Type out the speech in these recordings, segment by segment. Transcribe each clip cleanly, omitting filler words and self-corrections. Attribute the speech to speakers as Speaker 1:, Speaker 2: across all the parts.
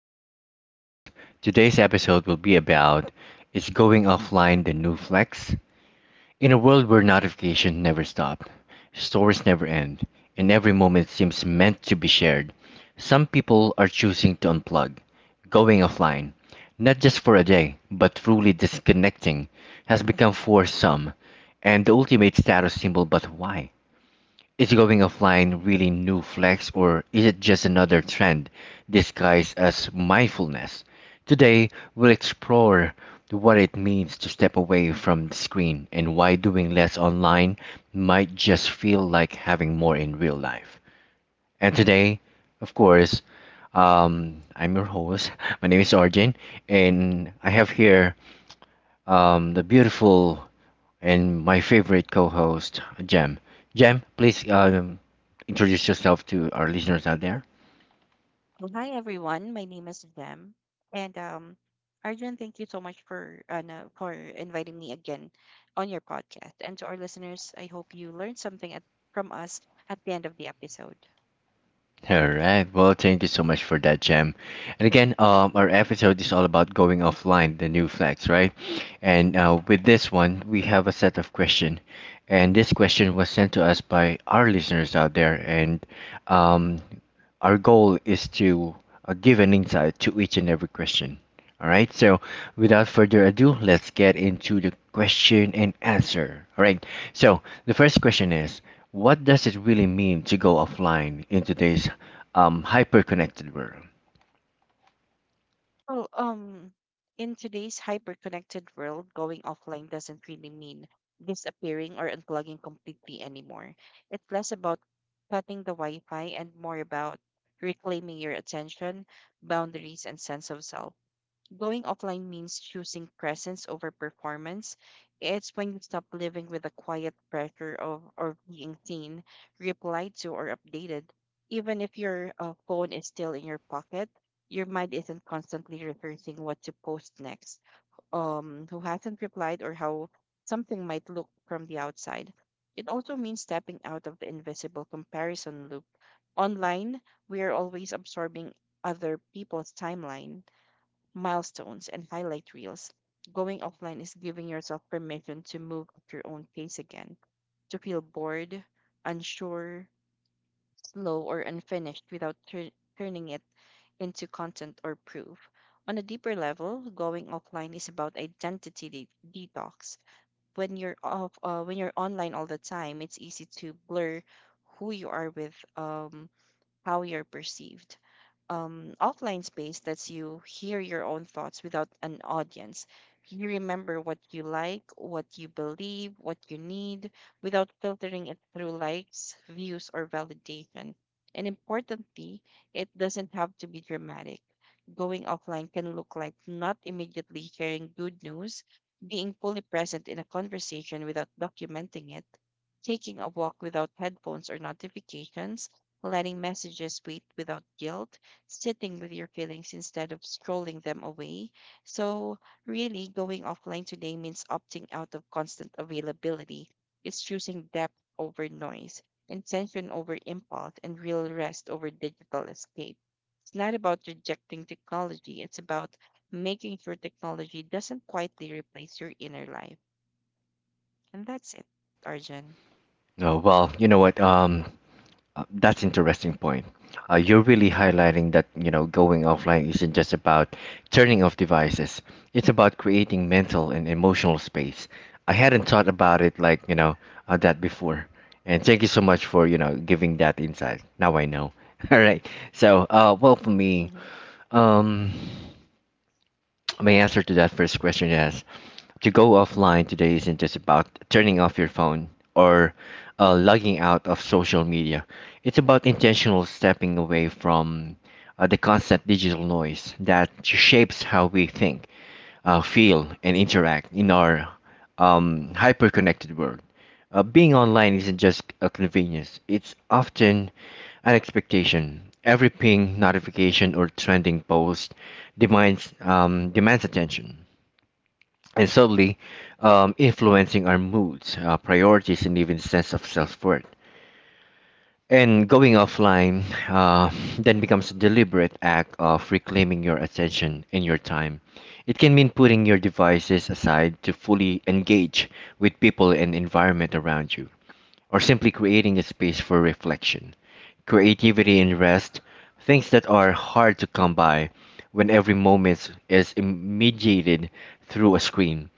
Speaker 1: Argent's podcast. Today's episode will be about Is Going Offline the New Flex? In a world where notifications never stop, stories never end, and every moment seems meant to be shared, some people are choosing to unplug, going offline. Not just for a day, but truly disconnecting has become for some and the ultimate status symbol, but why? Is going offline really new flex or is it just another trend disguised as mindfulness? Today, we'll explore what it means to step away from the screen and why doing less online might just feel like having more in real life. And today, of course, I'm your host. My name is Arjun, and I have here the beautiful and my favorite co-host, Jem. Jem, please introduce yourself to our listeners out there.
Speaker 2: Well, hi everyone. My name is Jem, and Arjun, thank you so much for no, for inviting me again on your podcast. And to our listeners, I hope you learned from us at the end of the episode.
Speaker 1: All right. Well, thank you so much for that, Jam. And again, our episode is all about going offline, the new flags, right? And with this one, we have a set of question, and this question was sent to us by our listeners out there, and um, our goal is to give an insight to each and every question. All right, so without further ado, let's get into the question and answer. All right, so the first question is: what does it really mean to go offline in today's hyper connected world?
Speaker 2: Well, um, in today's hyper-connected world, going offline doesn't really mean disappearing or unplugging completely anymore. It's less about cutting the Wi-Fi and more about reclaiming your attention, boundaries, and sense of self. Going offline means choosing presence over performance. It's when you stop living with the quiet pressure of or being seen, replied to, or updated. Even if your phone is still in your pocket, your mind isn't constantly rehearsing what to post next, who hasn't replied, or how something might look from the outside. It also means stepping out of the invisible comparison loop. Online, we are always absorbing other people's timeline milestones, and highlight reels. Going offline is giving yourself permission to move at your own pace again, to feel bored, unsure, slow, or unfinished without turning it into content or proof. On a deeper level, going offline is about identity detox. When you're online all the time, it's easy to blur who you are with how you're perceived. Offline space lets you hear your own thoughts without an audience. You remember what you like, what you believe, what you need, without filtering it through likes, views, or validation. And importantly, it doesn't have to be dramatic. Going offline can look like not immediately sharing good news, being fully present in a conversation without documenting it, taking a walk without headphones or notifications, letting messages wait without guilt, sitting with your feelings instead of scrolling them away. So, really, going offline today means opting out of constant availability. It's choosing depth over noise, intention over impulse, and real rest over digital escape. It's not about rejecting technology, it's about making sure technology doesn't quietly replace your inner life. And that's it, Arjun.
Speaker 1: Oh, well, you know what? That's interesting point. You're really
Speaker 2: Mm-hmm.
Speaker 1: highlighting that you know going offline isn't just about turning off devices. It's about creating mental and emotional space. I hadn't thought about it like you know that before. And thank you so much for you know giving that insight. Now I know. All right. So well for me, um. my answer to that first question is to go offline today isn't just about turning off your phone or logging out of social media. It's about intentional stepping away from the constant digital noise that shapes how we think, feel, and interact in our hyper connected world. Being online isn't just a convenience, it's often an expectation. Every ping, notification, or trending post demands attention and subtly influencing our moods, priorities, and even sense of self-worth. And going offline then becomes a deliberate act of reclaiming your attention and your time. It can mean putting your devices aside to fully engage with people and environment around you or simply creating a space for reflection, creativity, and rest, things that are hard to come by when every moment is mediated through a screen.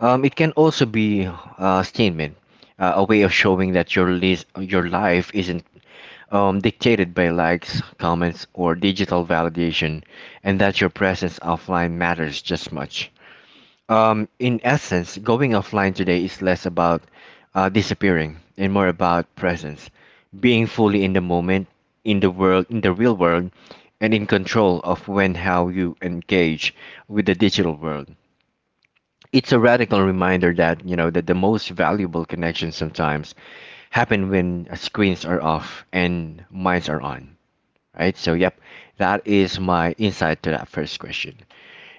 Speaker 1: It can also be a statement, a way of showing that your your life isn't dictated by likes, comments, or digital validation, and that your presence offline matters just much. In essence, going offline today is less about disappearing and more about presence, being fully in the moment, in the world, in the real world, and in control of when, how you engage with the digital world. It's a radical reminder that you know that the most valuable connections sometimes happen when screens are off and minds are on. Right. So, yep, that is my insight to that first question.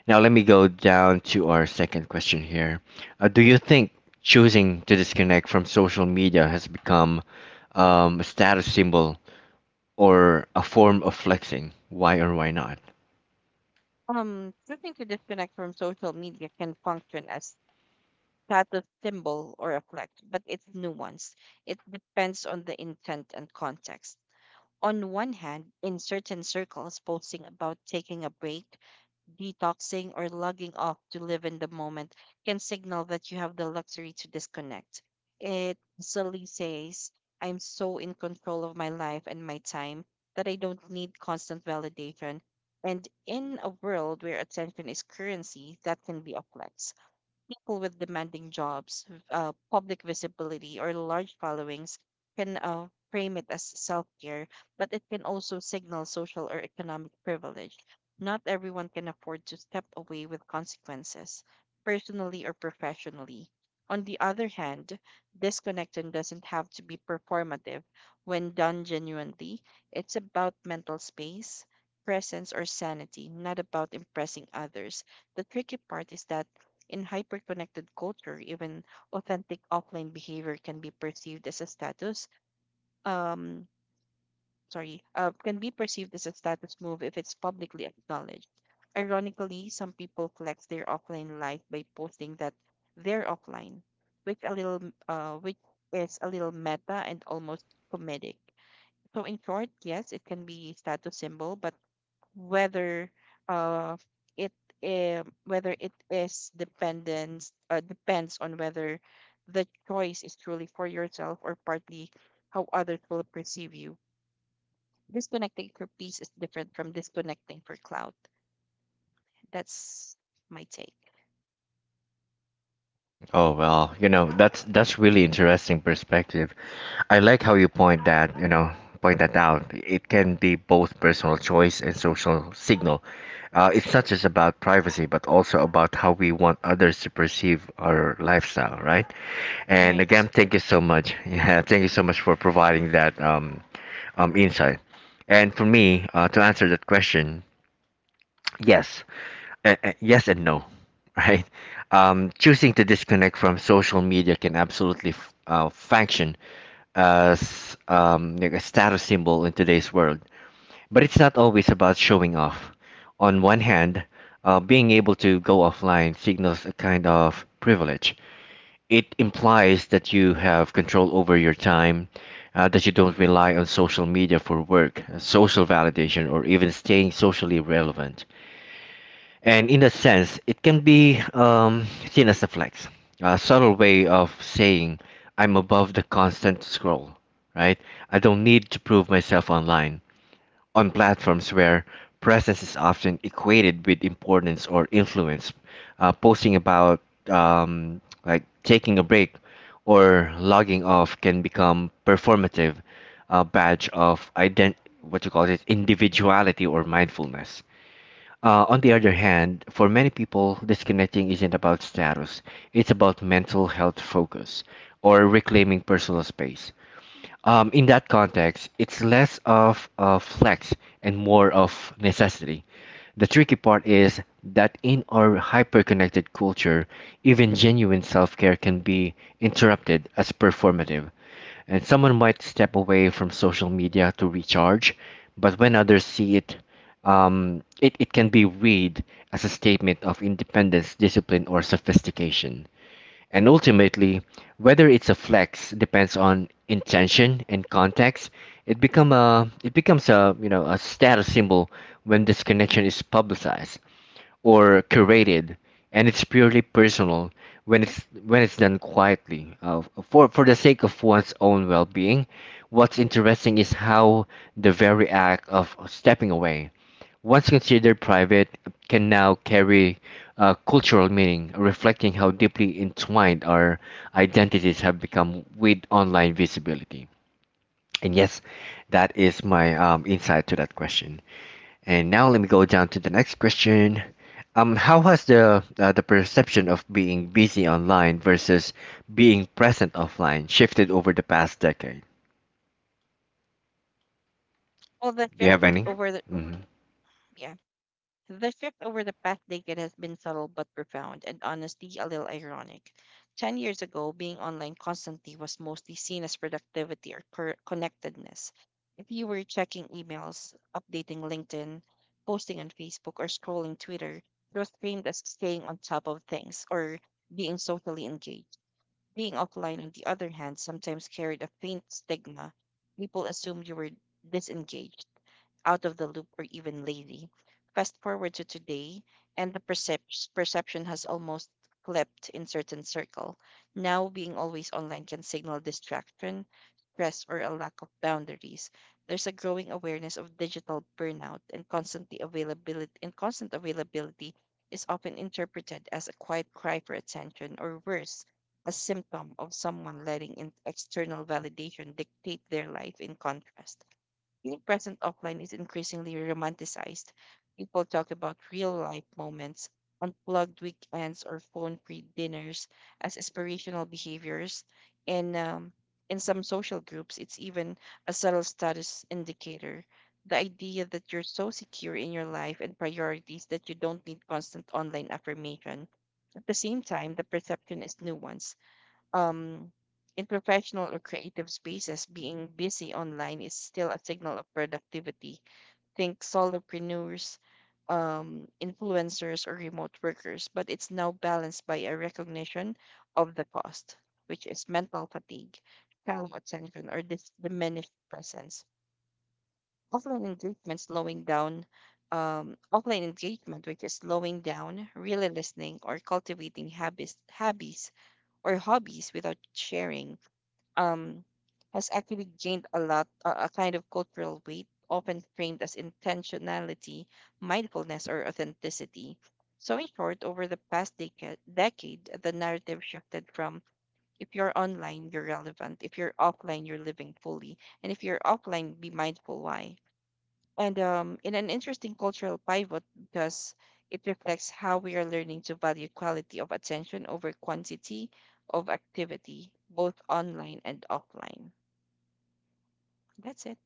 Speaker 1: Now let me go down to our second question here. Do you think choosing to disconnect from social media has become a status symbol or a form of flexing? Why or why not?
Speaker 2: Choosing to disconnect from social media can function as status symbol or a flex, but it's nuanced. It depends on the intent and context. On one hand, in certain circles, posting about taking a break detoxing, or logging off to live in the moment can signal that you have the luxury to disconnect. It silly says, I'm so in control of my life and my time that I don't need constant validation. And in a world where attention is currency, that can be a flex people with demanding jobs, public visibility, or large followings can frame it as self care, but it can also signal social or economic privilege. Not everyone can afford to step away with consequences, personally or professionally. On the other hand, disconnection doesn't have to be performative. When done genuinely, it's about mental space, presence, or sanity, not about impressing others. The tricky part is that in hyper-connected culture, even authentic offline behavior can be perceived as a status. Um, can be perceived as a status move if it's publicly acknowledged. Ironically, some people flex their offline life by posting that they're offline, which a little, which is a little meta and almost comedic. So in short, yes, it can be status symbol, but whether uh it whether it is dependence depends on whether the choice is truly for yourself or partly how others will perceive you. Disconnecting for peace is different from disconnecting for clout. That's my take.
Speaker 1: Oh well, you know, that's really interesting perspective. I like how you point that, you know, point that out. It can be both personal choice and social signal. It's not just about privacy, but also about how we want others to perceive our lifestyle, right?
Speaker 2: All
Speaker 1: And again,
Speaker 2: right.
Speaker 1: thank you so much. Yeah, thank you so much for providing that insight. And for me, to answer that question, yes, and yes and no, right? Choosing to disconnect from social media can absolutely function as like a status symbol in today's world. But it's not always about showing off. On one hand, being able to go offline signals a kind of privilege. It implies that you have control over your time, that you don't rely on social media for work, social validation, or even staying socially relevant. And in a sense, it can be seen as a flex, a subtle way of saying, I'm above the constant scroll, right? I don't need to prove myself online, on platforms where presence is often equated with importance or influence. Posting about, like, taking a break or logging off can become performative, a badge of what you call it, individuality or mindfulness. On the other hand, for many people, disconnecting isn't about status, it's about mental health focus or reclaiming personal space. In that context, it's less of a flex and more of necessity. The tricky part is that in our hyper-connected culture, even genuine self-care can be interrupted as performative. And someone might step away from social media to recharge, but when others see it, it can be read as a statement of independence, discipline, or sophistication. And ultimately, whether it's a flex depends on intention and context. It becomes a you know a status symbol when this connection is publicized or curated, and it's purely personal when it's done quietly for the sake of one's own well-being. What's interesting is how the very act of stepping away once considered private, can now carry a cultural meaning, reflecting how deeply entwined our identities have become with online visibility. And yes, that is my insight to that question. And now let me go down to the next question. How has the the perception of being busy online versus being present offline shifted over the past decade?
Speaker 2: Well, the
Speaker 1: Do you
Speaker 2: shift
Speaker 1: have any?
Speaker 2: over the
Speaker 1: Hmm.
Speaker 2: yeah. The shift over the past decade has been subtle but profound, and honestly, a little ironic. 10 years ago, being online constantly was mostly seen as productivity or connectedness. If you were checking emails, updating LinkedIn, posting on Facebook, or scrolling Twitter, it was framed as staying on top of things or being socially engaged. Being offline, on the other hand, sometimes carried a faint stigma. People assumed you were disengaged out of the loop, or even lazy. Fast forward to today, and the perception has almost flipped in certain circle. Now, being always online can signal distraction, stress, or a lack of boundaries. There's a growing awareness of digital burnout, and constant availability is often interpreted as a quiet cry for attention, or worse, a symptom of someone letting in external validation dictate their life in contrast. Being present offline is increasingly romanticized. People talk about real life moments, unplugged weekends, or phone free dinners as aspirational behaviors. And in some social groups, it's even a subtle status indicator. The idea that you're so secure in your life and priorities that you don't need constant online affirmation. At the same time, the perception is nuanced, um, in professional or creative spaces, being busy online is still a signal of productivity. Think solopreneurs, influencers, or remote workers, but it's now balanced by a recognition of the cost, which is mental fatigue, shallow attention, or this diminished presence. Offline engagement slowing down. Offline engagement, which is slowing down, really listening, or cultivating habits or hobbies without sharing um, has actually gained a lot, a kind of cultural weight, often framed as intentionality, mindfulness, or authenticity. So, in short, over the past decade, the narrative shifted from if you're online, you're relevant, if you're offline, you're living fully, and if you're offline, be mindful why and in an interesting cultural pivot because it reflects how we are learning to value quality of attention over quantity of activity, both online and offline. That's it.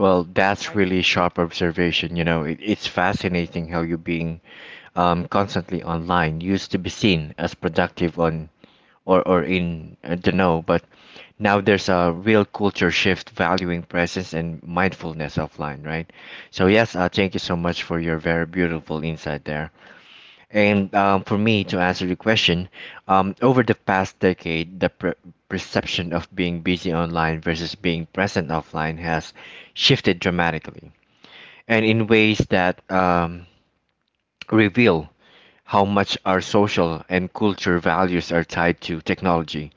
Speaker 1: Well, that's
Speaker 2: Art.
Speaker 1: really sharp observation. You know, it's fascinating how you being constantly online used to be seen as productive on or in the know, but now there's a real culture shift valuing presence and mindfulness offline, right? So yes, thank you so much for your very beautiful insight there. And for me to answer your question, over the past decade, the perception of being busy online versus being present offline has shifted dramatically, and in ways that reveal how much our social and culture values are tied to technology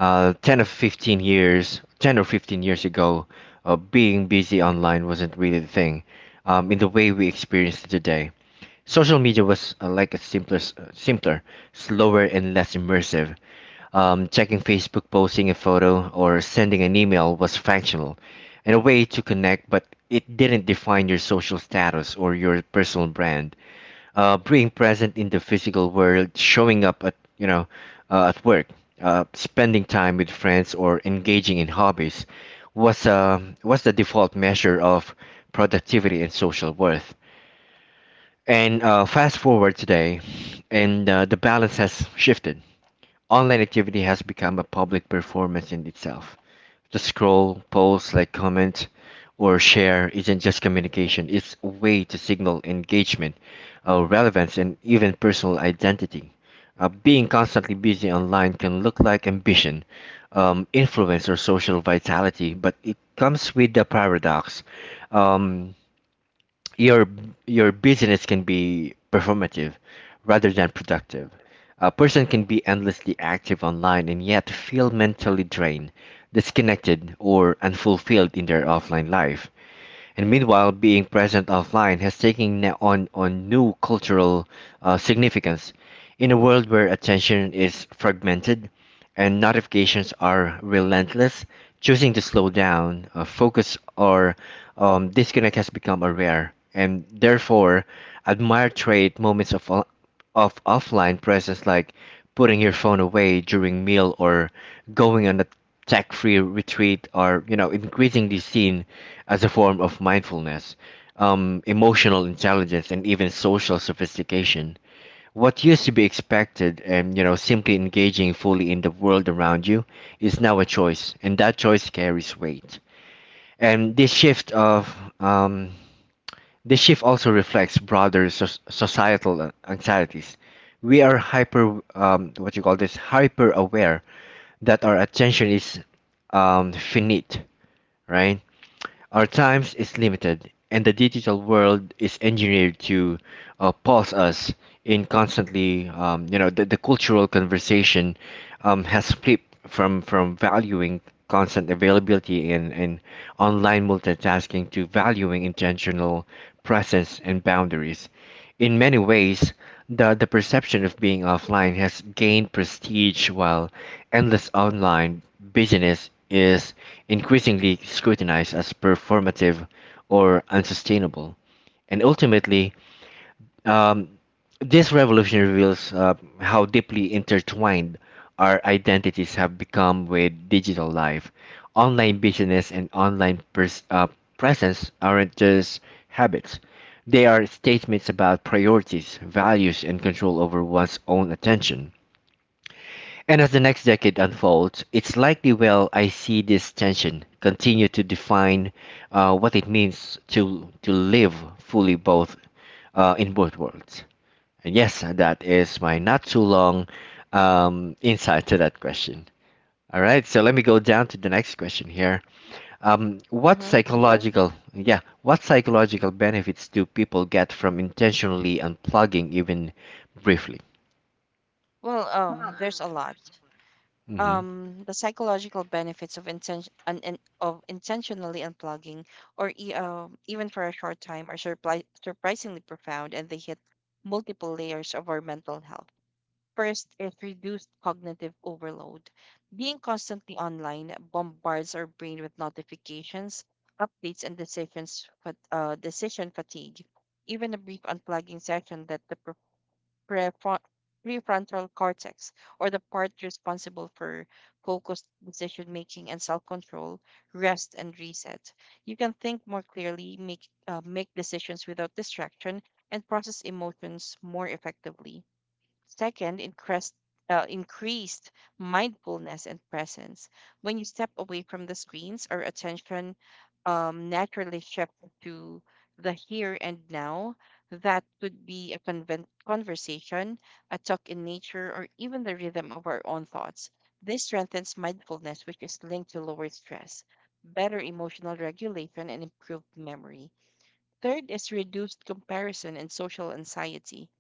Speaker 1: 10 or 15 years ago being busy online wasn't really the thing in the way we experience it today. Social media was like simpler, slower and less immersive, checking facebook, posting a photo or sending an email was functional and a way to connect, but it didn't define your social status or your personal brand. Uh, being present in the physical world, showing up at you know at work, spending time with friends, or engaging in hobbies was the default measure of productivity and social worth. And fast forward today, and the balance has shifted. Online activity has become a public performance in itself. The scroll, post, like, comment, or share isn't just communication, it's a way to signal engagement, relevance, and even personal identity. Being constantly busy online can look like ambition, influence, or social vitality, but it comes with the paradox. Um, your your busyness can be performative rather than productive. A person can be endlessly active online and yet feel mentally drained, disconnected, or unfulfilled in their offline life, and meanwhile being present offline has taken on new cultural significance. In a world where attention is fragmented and notifications are relentless, choosing to slow down, focus, or disconnect has become a rare and therefore admired trait. Moments of offline presence like putting your phone away during meal or going on a tech-free retreat are you know increasingly seen as a form of mindfulness, emotional intelligence and even social sophistication. What used to be expected and you know simply engaging fully in the world around you is now a choice, and that choice carries weight. And this shift of um, the shift also reflects broader societal anxieties. We are hyper, what you call this, hyper aware that our attention is finite, right? Our time is limited, and the digital world is engineered to pause us in constantly. You know, the cultural conversation has flipped from valuing constant availability and online multitasking to valuing intentional presence and boundaries. In many ways, the perception of being offline has gained prestige while endless online business is increasingly scrutinized as performative or unsustainable. And ultimately, um, this revolution reveals how deeply intertwined our identities have become with digital life. Online business and presence aren't just habits, they are statements about priorities, values, and control over one's own attention. And as the next decade unfolds, it's likely I see this tension continue to define what it means to live fully both in both worlds. And yes, that is my not too long insight to that question. All right, so let me go down to the next question here.
Speaker 2: Hmm.
Speaker 1: What psychological benefits do people get from intentionally unplugging, even briefly?
Speaker 2: There's a lot.
Speaker 1: hmm
Speaker 2: The psychological benefits of intentionally unplugging, or even for a short time, are surprisingly profound, and they hit multiple layers of our mental health. First is reduced cognitive overload. Being constantly online bombards our brain with notifications, updates, and decisions, decision fatigue. Even a brief unplugging session that the prefron- prefrontal cortex, or the part responsible for focused decision making and self control, rest and reset. You can think more clearly, make decisions without distraction, and process emotions more effectively. Second, increased mindfulness and presence. When you step away from the screens, our attention naturally shifts to the here and now. That could be a conversation, a talk in nature, or even the rhythm of our own thoughts. This strengthens mindfulness, which is linked to lower stress, better emotional regulation, and improved memory. Third is reduced comparison and social anxiety.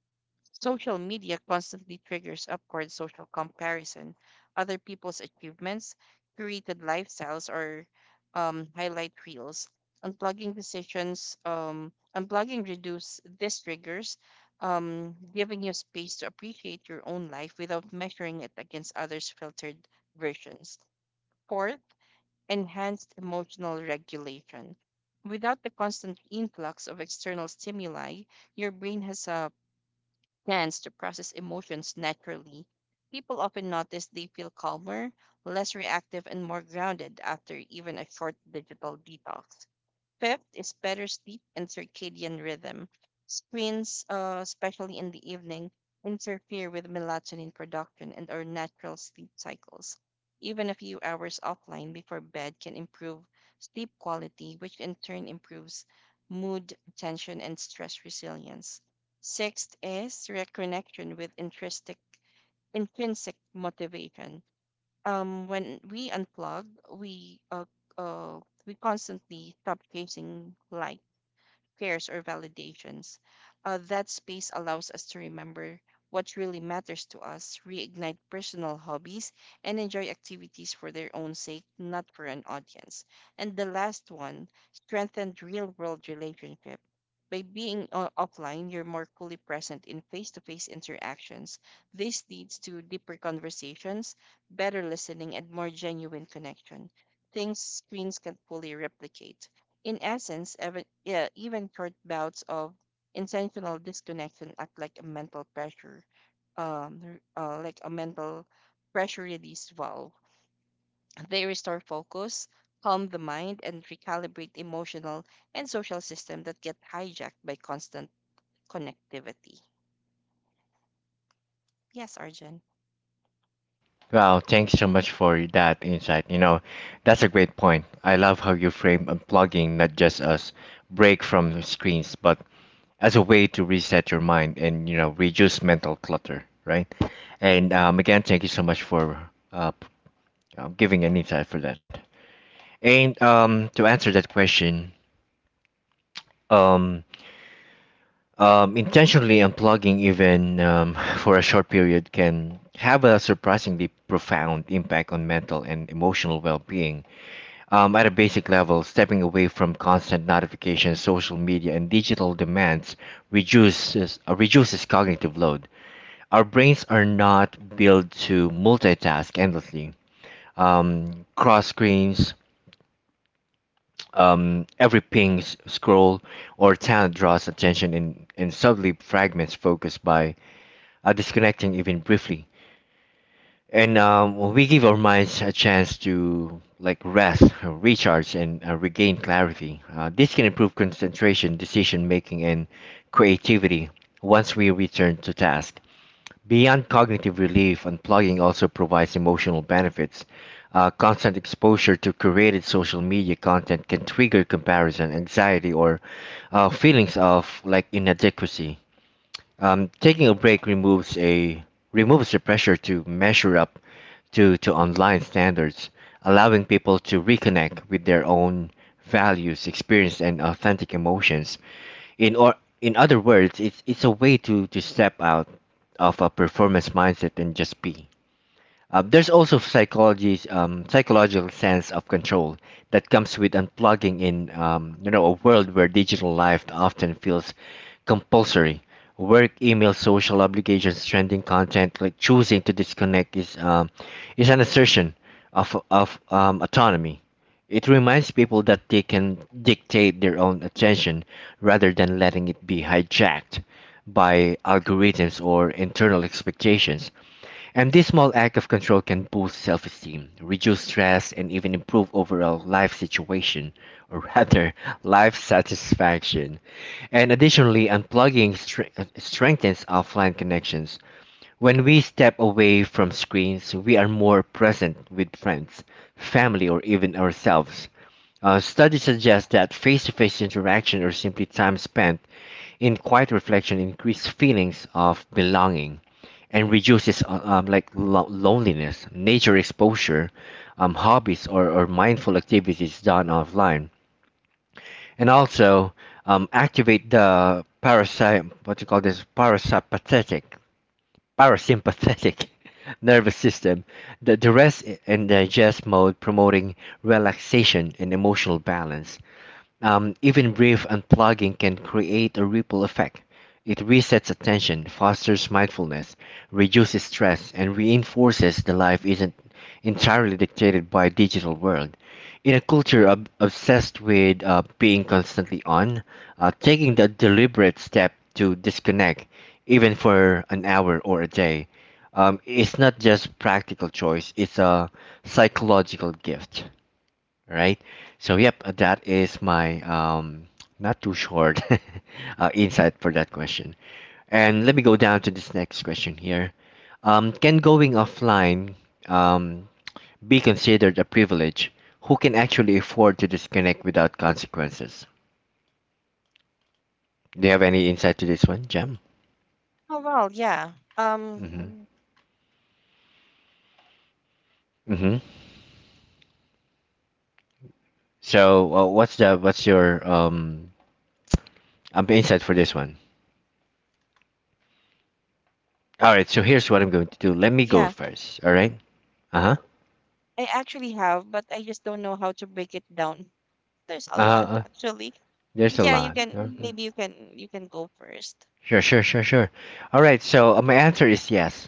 Speaker 2: Social media constantly triggers upward social comparison. Other people's achievements, curated lifestyles, or highlight reels. Unplugging reduce these triggers, giving you space to appreciate your own life without measuring it against others' filtered versions. Fourth, enhanced emotional regulation. Without the constant influx of external stimuli, your brain has a chance to process emotions naturally, people often notice they feel calmer, less reactive, and more grounded after even a short digital detox. Fifth is better sleep and circadian rhythm. Screens, especially in the evening, interfere with melatonin production and our natural sleep cycles. Even a few hours offline before bed can improve sleep quality, which in turn improves mood, attention, and stress resilience. Sixth is reconnection with intrinsic motivation. Um, when we unplug, we uh, uh, we constantly stop chasing light pairs or validations. That space allows us to remember what really matters to us, reignite personal hobbies, and enjoy activities for their own sake, not for an audience. And the last one, strengthened real world relationship. By being offline, you're more fully present in face to face interactions. This leads to deeper conversations, better listening, and more genuine connection. Things screens can fully replicate. In essence, even short bouts of intentional disconnection act like a mental pressure release valve. They restore focus, calm the mind, and recalibrate emotional and social system that get hijacked by constant connectivity. Yes, Arjun.
Speaker 1: Wow, thanks so much for that insight. You know, that's a great point. I love how you frame unplugging not just as break from the screens, but as a way to reset your mind and reduce mental clutter, right? And again, thank you so much for giving an insight for that. And to answer that question, um, intentionally unplugging even for a short period can have a surprisingly profound impact on mental and emotional well-being. At a basic level, stepping away from constant notifications, social media, and digital demands reduces cognitive load. Our brains are not built to multitask endlessly. Cross screens, every scroll, or talent draws attention and, subtly fragments focus by disconnecting even briefly. And we give our minds a chance to like rest, recharge, and regain clarity. This can improve concentration, decision making, and creativity once we return to task. Beyond cognitive relief, unplugging also provides emotional benefits. Constant exposure to curated social media content can trigger comparison, anxiety, or feelings of like inadequacy. Taking a break removes the pressure to measure up to online standards, allowing people to reconnect with their own values, experience, and authentic emotions. In or in other words, it's a way to step out of a performance mindset and just be. There's also psychology's psychological sense of control that comes with unplugging in a world where digital life often feels compulsory. Work, email, social obligations, trending content, like choosing to disconnect is an assertion of autonomy. It reminds people that they can dictate their own attention rather than letting it be hijacked by algorithms or internal expectations. And this small act of control can boost self esteem, reduce stress, and even improve overall life situation, or rather, life satisfaction. And additionally, unplugging strengthens offline connections. When we step away from screens, we are more present with friends, family, or even ourselves. Studies suggest that face to face interaction or simply time spent in quiet reflection increase feelings of belonging and reduces like loneliness. Nature exposure, hobbies, or, mindful activities done offline and also activate the parasy what you call this parasympathetic parasympathetic nervous system, the, rest and digest mode, promoting relaxation and emotional balance. Even brief unplugging can create a ripple effect. It resets attention, fosters mindfulness, reduces stress, and reinforces the life isn't entirely dictated by digital world. In a culture obsessed with being constantly on, taking the deliberate step to disconnect, even for an hour or a day, it's not just practical choice; it's a psychological gift, right? So yep, that is my not too short insight for that question. And let me go down to this next question here. Can going offline um be considered a privilege? Who can actually afford to disconnect without consequences? Do you have any insight to this one, Jam?
Speaker 2: Oh well, yeah. Um,
Speaker 1: Mm-hmm. Mm. Mm-hmm. So what's the what's your insight for this one? All right, so here's what I'm going to do. Let me go
Speaker 2: yeah.
Speaker 1: first. All right. Uh-huh.
Speaker 2: I actually have, but I just don't know how to break it down. There's a
Speaker 1: Uh,
Speaker 2: lot
Speaker 1: uh,
Speaker 2: actually.
Speaker 1: there's
Speaker 2: But
Speaker 1: a
Speaker 2: yeah, you
Speaker 1: lot.
Speaker 2: can maybe you can go first.
Speaker 1: Sure, sure, sure, sure. All right, so my answer is yes.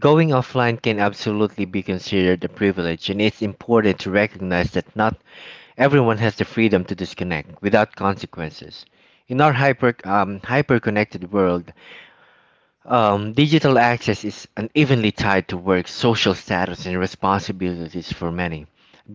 Speaker 1: Going offline can absolutely be considered a privilege, and it's important to recognize that not everyone has the freedom to disconnect without consequences. In our hyper-connected world, digital access is unevenly tied to work, social status, and responsibilities for many.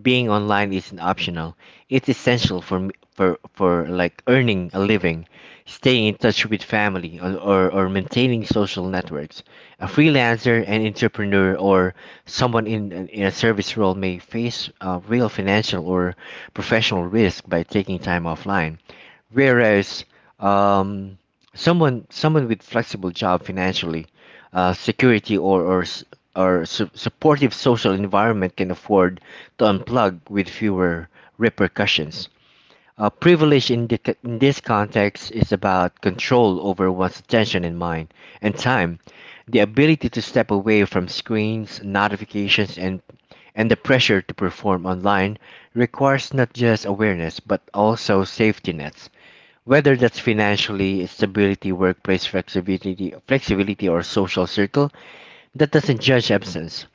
Speaker 1: Being online isn't optional; it's essential for like earning a living, staying in touch with family, or maintaining social networks. A freelancer, an entrepreneur, or someone in a service role may face real financial or professional risk by taking time offline. Whereas um, someone with flexible job financially, security or supportive social environment can afford to unplug with fewer repercussions. Privilege in this context is about control over one's attention and mind and time, the ability to step away from screens, notifications, and the pressure to perform online requires not just awareness but also safety nets, whether that's financially, stability, flexibility or social circle that doesn't judge absence.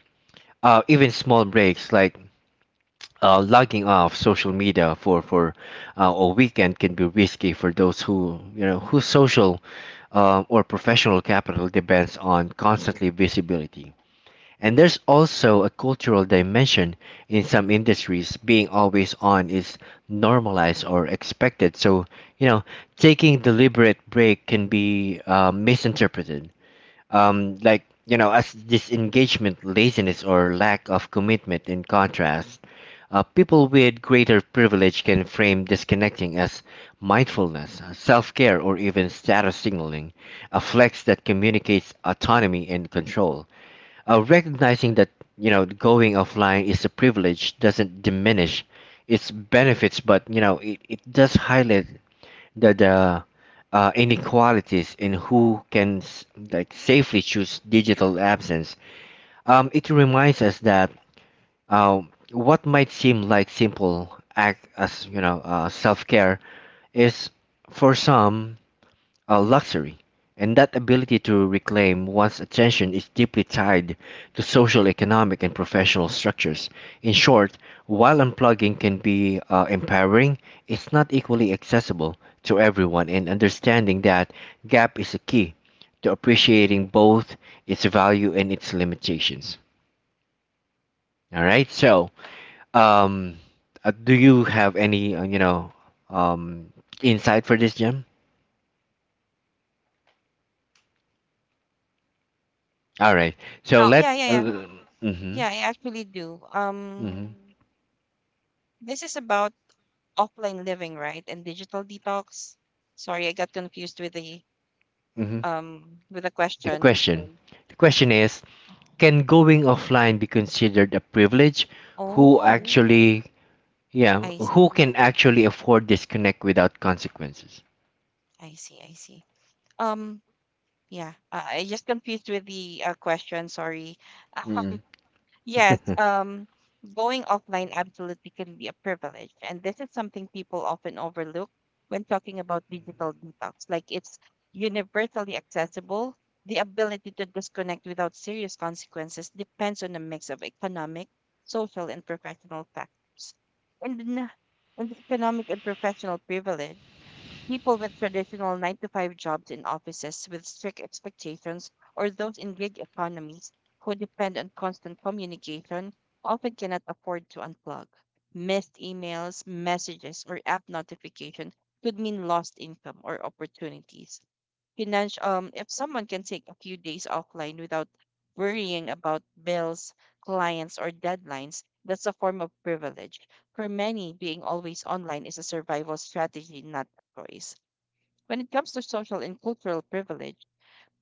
Speaker 1: Even small breaks like logging off social media for a weekend can be risky for those who whose social or professional capital depends on constantly visibility. And there's also a cultural dimension. In some industries being always on is normalized or expected. So, you know, taking deliberate break can be misinterpreted. Like, you know, as disengagement, laziness, or lack of commitment in contrast. People with greater privilege can frame disconnecting as mindfulness, self care, or even status signaling, a flex that communicates autonomy and control. Recognizing that you know going offline is a privilege doesn't diminish its benefits, but you know it does highlight the inequalities in who like safely choose digital absence. It reminds us that uh, what might seem like simple act as you know self care is for some a luxury, and that ability to reclaim one's attention is deeply tied to social, economic, and professional structures. In short, while unplugging can be empowering, it's not equally accessible to everyone, and understanding that gap is a key to appreciating both its value and its limitations. All right, so um, do you have any, you know, um, insight for this, Jim? All right, so
Speaker 2: Oh,
Speaker 1: let.
Speaker 2: yeah, yeah, yeah.
Speaker 1: Mhm.
Speaker 2: Yeah, I actually do.
Speaker 1: Hmm.
Speaker 2: This is about offline living, right? And digital detox. Sorry, I got confused
Speaker 1: Hmm.
Speaker 2: with the
Speaker 1: The
Speaker 2: question.
Speaker 1: question, question. The question is, can going offline be considered a privilege? Who Mm.
Speaker 2: Oh,
Speaker 1: actually, yeah,
Speaker 2: I
Speaker 1: who
Speaker 2: see.
Speaker 1: can actually afford disconnect without consequences?
Speaker 2: I see. I see. Um, yeah, I just confused with the question. Sorry.
Speaker 1: Mm.
Speaker 2: Yes, um, Going offline absolutely can be a privilege, and this is something people often overlook when talking about digital detox. Like it's universally accessible. The ability to disconnect without serious consequences depends on a mix of economic, social, and professional factors. And in the economic and professional privilege, people with traditional 9 to 5 jobs in offices with strict expectations or those in gig economies who depend on constant communication often cannot afford to unplug. Missed emails, messages, or app notification could mean lost income or opportunities. Financial, if someone can take a few days offline without worrying about bills, clients, or deadlines, that's a form of privilege. For many, being always online is a survival strategy, not a choice. When it comes to social and cultural privilege,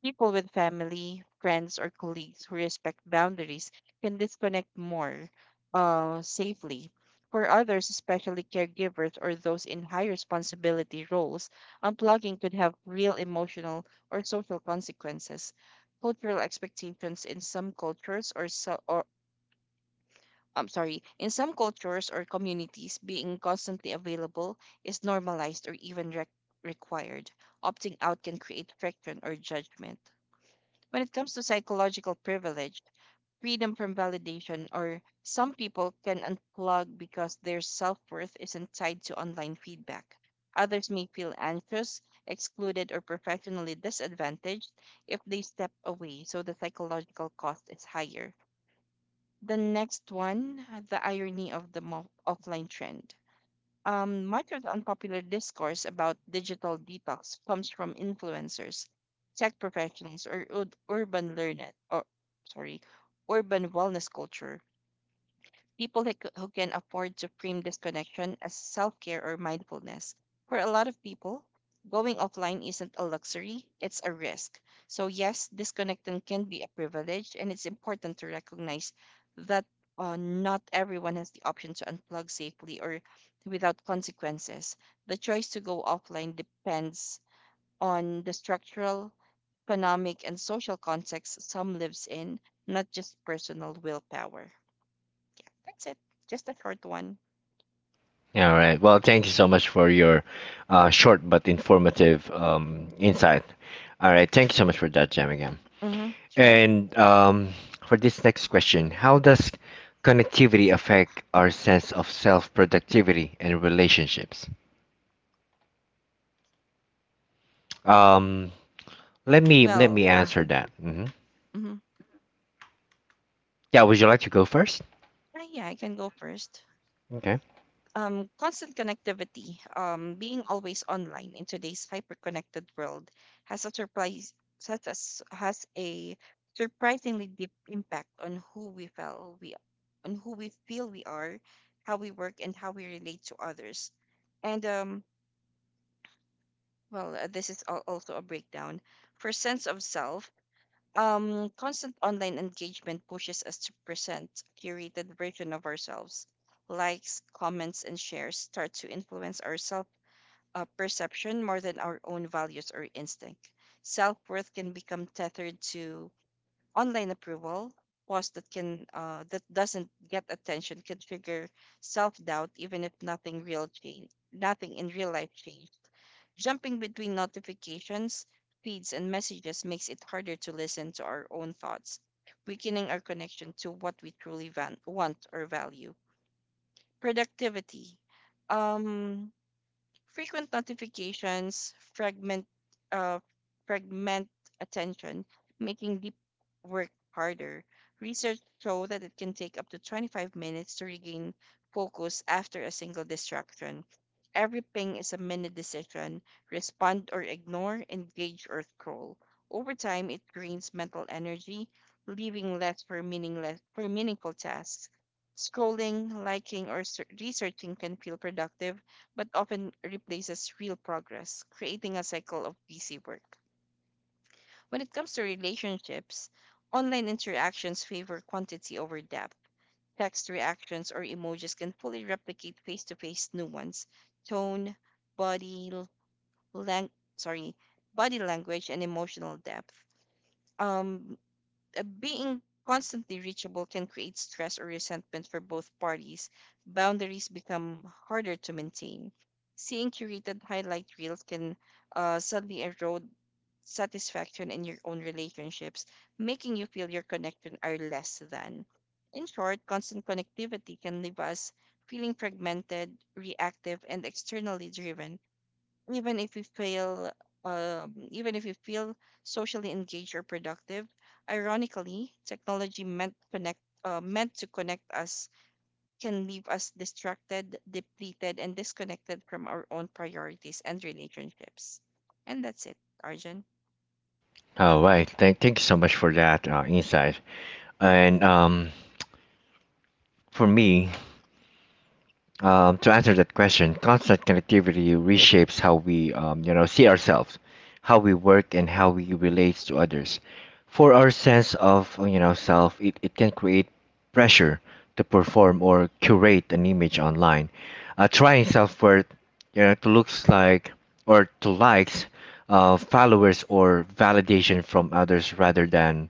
Speaker 2: people with family, friends, or colleagues who respect boundaries can disconnect more safely. For others, especially caregivers or those in high responsibility roles, unplugging could have real emotional or social consequences. Cultural expectations in some cultures or communities, being constantly available is normalized or even required. Opting out can create friction or judgment. When it comes to psychological privilege, freedom from validation, or some people can unplug because their self worth isn't tied to online feedback. Others may feel anxious, excluded, or professionally disadvantaged if they step away, so the psychological cost is higher. The next one, the irony of the offline trend. Much of the unpopular discourse about digital detox comes from influencers, tech professionals, or ur- urban learned, or sorry, urban wellness culture people like, who can afford to frame disconnection as self care or mindfulness. For a lot of people, going offline isn't a luxury, it's a risk. So, yes, disconnecting can be a privilege, and it's important to recognize that, not everyone has the option to unplug safely or without consequences. The choice to go offline depends on the structural, economic, and social context some lives in, not just personal willpower. That's it. Just a short one.
Speaker 1: All right. Well, thank you so much for your short but informative insight. All right. Thank you so much for that, Jamigam.
Speaker 2: Mm-hmm. Sure.
Speaker 1: And for this next question, how does connectivity affect our sense of self productivity and relationships? Um, Let me
Speaker 2: Well,
Speaker 1: answer that. Hmm.
Speaker 2: mm-hmm.
Speaker 1: Yeah, would you like to go first?
Speaker 2: Yeah, I can go first.
Speaker 1: Okay.
Speaker 2: Constant connectivity, being always online in today's hyper-connected world has a surprise such as has a surprisingly deep impact on who we feel we on who we feel we are, how we work, and how we relate to others. And well, this is also a breakdown. For sense of self, constant online engagement pushes us to present a curated version of ourselves. Likes, comments, and shares start to influence our self, perception more than our own values or instinct. Self worth can become tethered to online approval. Posts that can that doesn't get attention can trigger self doubt, even if nothing real change, nothing in real life changes. Jumping between notifications, feeds, and messages makes it harder to listen to our own thoughts, weakening our connection to what we truly want or value. Productivity. Um, Frequent notifications uh, fragment attention, making deep work harder. Research show that it can take up to 25 minutes to regain focus after a single distraction. Every ping is a minute decision. Respond or ignore, engage or scroll. Over time, it drains mental energy, leaving less for meaningless for meaningful tasks. Scrolling, liking, or researching can feel productive, but often replaces real progress, creating a cycle of busy work. When it comes to relationships, online interactions favor quantity over depth. Text reactions or emojis can fully replicate face to face nuance, tone, body, lang- sorry, body language, and emotional depth. Um, Being constantly reachable can create stress or resentment for both parties. Boundaries become harder to maintain. Seeing curated highlight reels can, suddenly erode satisfaction in your own relationships, making you feel your connection are less than. In short, constant connectivity can leave us feeling fragmented, reactive, and externally driven, even if we fail even if we feel socially engaged or productive. Ironically, technology meant connect meant to connect us can leave us distracted, depleted, and disconnected from our own priorities and relationships. And that's it, Arjun.
Speaker 1: All right. Thank you so much for that insight. And for me, to answer that question, constant connectivity reshapes how we, you know, see ourselves, how we work, and how we relate to others. For our sense of, you know, self, it can create pressure to perform or curate an image online. Trying self-worth, you know, to looks like or to likes, followers, or validation from others rather than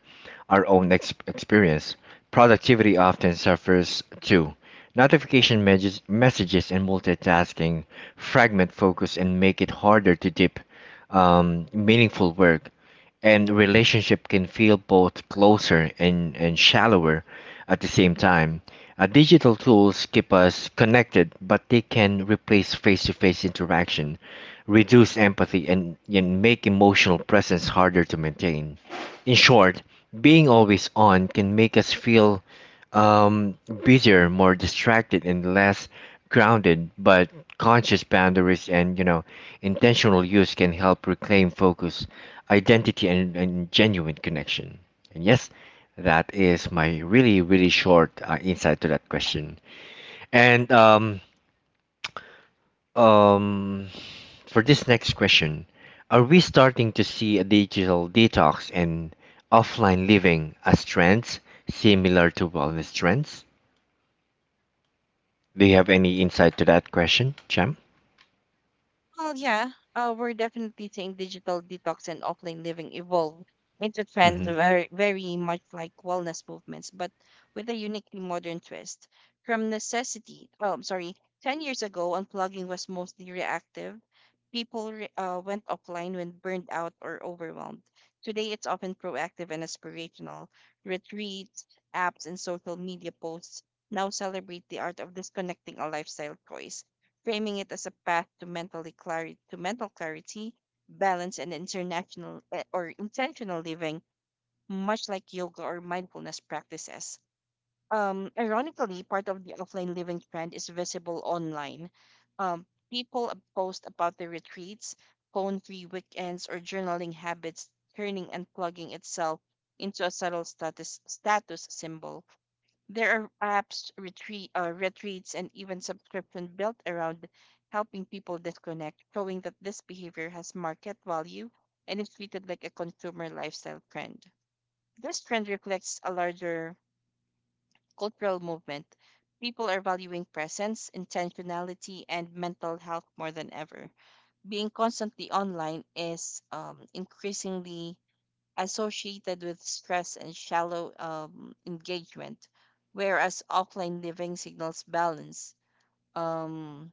Speaker 1: our own experience, productivity often suffers too. Messages and multitasking fragment focus and make it harder to deep, meaningful work. And relationship can feel both closer and, shallower at the same time. Digital tools keep us connected, but they can replace face to face interaction, reduce empathy, and, make emotional presence harder to maintain. In short, being always on can make us feel um, busier, more distracted, and less grounded. But conscious boundaries and you know intentional use can help reclaim focus, identity, and, genuine connection. And yes, that is my really really short insight to that question. And um for this next question, are we starting to see a digital detox and offline living as trends similar to wellness trends? Do you have any insight to that question, Cham?
Speaker 2: Well, yeah, we're definitely seeing digital detox and offline living evolve into trends
Speaker 1: hmm
Speaker 2: very, very much like wellness movements, but with a uniquely modern twist. From necessity, oh, I'm sorry, 10 years ago, unplugging was mostly reactive. People went offline when burned out or overwhelmed. Today, it's often proactive and aspirational. Retreats, apps, and social media posts now celebrate the art of disconnecting a lifestyle choice, framing it as a path to mentally clarity, to mental clarity, balance, and international eh, or intentional living, much like yoga or mindfulness practices. Ironically, part of the offline living trend is visible online. Um, People post about their retreats, phone-free weekends, or journaling habits, turning and plugging itself into a subtle status symbol. There are apps, retreats, and even subscription built around helping people disconnect, showing that this behavior has market value and is treated like a consumer lifestyle trend. This trend reflects a larger cultural movement. People are valuing presence, intentionality, and mental health more than ever. Being constantly online is, increasingly associated with stress and shallow, engagement, whereas offline living signals balance, um,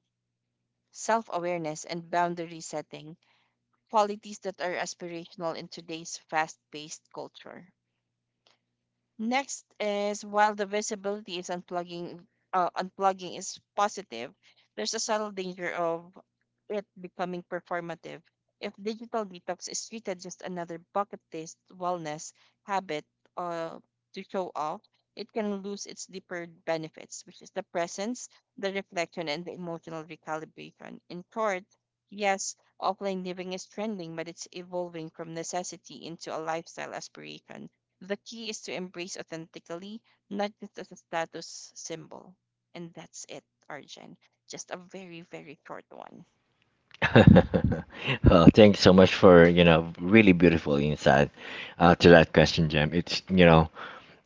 Speaker 2: self awareness, and boundary setting, qualities that are aspirational in today's fast paced culture. Next is, while the visibility is unplugging is positive, there's a subtle danger of it becoming performative. If digital detox is treated just another bucket list wellness habit, uh, to show off, it can lose its deeper benefits, which is the presence, the reflection, and the emotional recalibration. In short, yes, offline living is trending, but it's evolving from necessity into a lifestyle aspiration. The key is to embrace authentically, not just as a status symbol. And that's it, Arjun. Just a very, very short one.
Speaker 1: well, thanks so much for you know really beautiful insight to that question, Jam. It's you know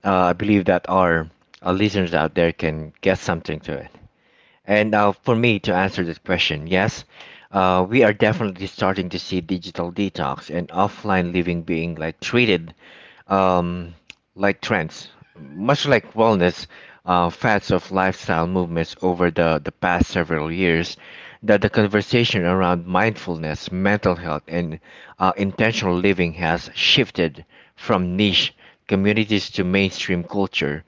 Speaker 1: I believe that our listeners out there can get something to it. And for me to answer this question, yes, we are definitely starting to see digital detox and offline living being like treated um, like trends. Much like wellness, fads of lifestyle movements over the past several years, that the conversation around mindfulness, mental health, and intentional living has shifted from niche communities to mainstream culture.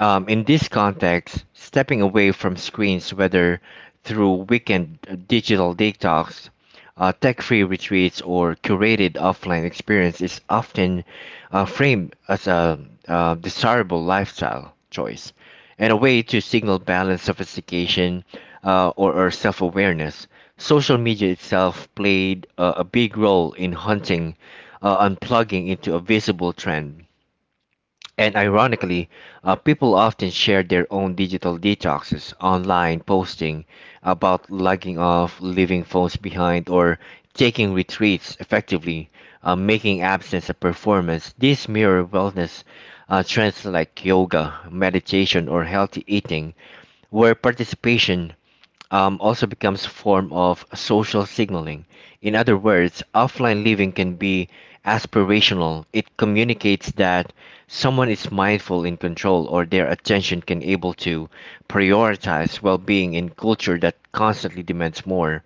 Speaker 1: In this context, stepping away from screens, whether through weekend digital detox, tech free retreats, or curated offline experience, is often framed as a desirable lifestyle choice and a way to signal balance, sophistication, or self awareness. Social media itself played a big role in hunting, unplugging into a visible trend and ironically, people often share their own digital detoxes, online posting about logging off, leaving phones behind, or taking retreats effectively, making absence a performance. These mirror wellness trends like yoga, meditation, or healthy eating, where participation also becomes a form of social signaling. In other words, offline living can be aspirational. It communicates that someone is mindful in control or their attention can able to prioritize well-being in culture that constantly demands more.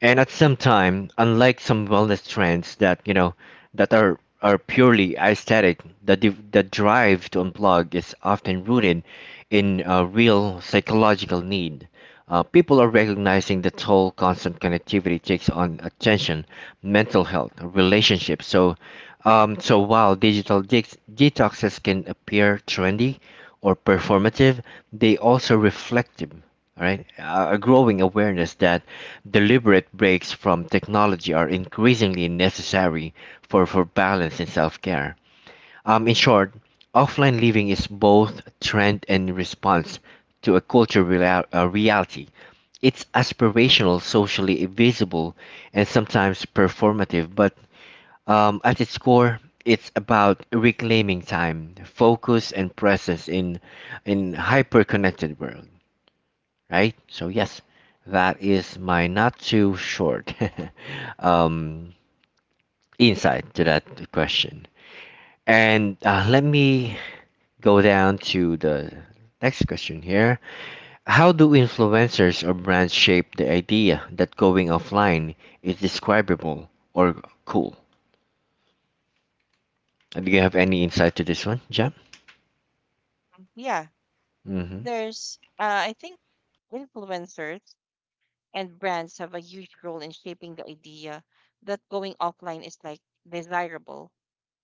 Speaker 1: And at some time, unlike some wellness trends that that are purely aesthetic, the drive to unplug is often rooted in a real psychological need. People are recognizing the toll constant connectivity takes on attention, mental health, relationships. So while digital detoxes can appear trendy or performative, they also reflective, all right, a growing awareness that deliberate breaks from technology are increasingly necessary for balance and self care. In short, offline living is both trend and response to a culture reality. It's aspirational, socially visible, and sometimes performative, but at its core, it's about reclaiming time, focus, and presence in hyper-connected world, right? So yes, that is my not too short um, insight to that question. And let me go down to the next question here. How do influencers or brands shape the idea that going offline is describable or cool? Do you have any insight to this one, Jam?
Speaker 2: Yeah,
Speaker 1: Mm-hmm.
Speaker 2: there's, influencers and brands have a huge role in shaping the idea that going offline is like desirable,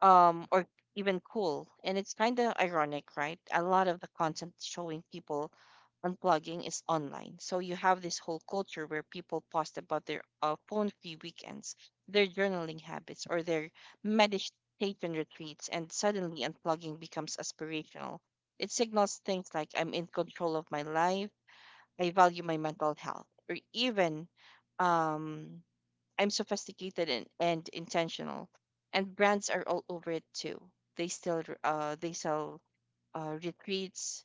Speaker 2: or even cool. And it's kind of ironic, right? A lot of the content showing people unplugging is online. So you have this whole culture where people post about their phone free weekends, their journaling habits, or their meditation retreats, and suddenly unplugging becomes aspirational. It signals things like I'm in control of my life, I value my mental health, or even, um, I'm sophisticated and, intentional. And brands are all over it too. They sell, retreats,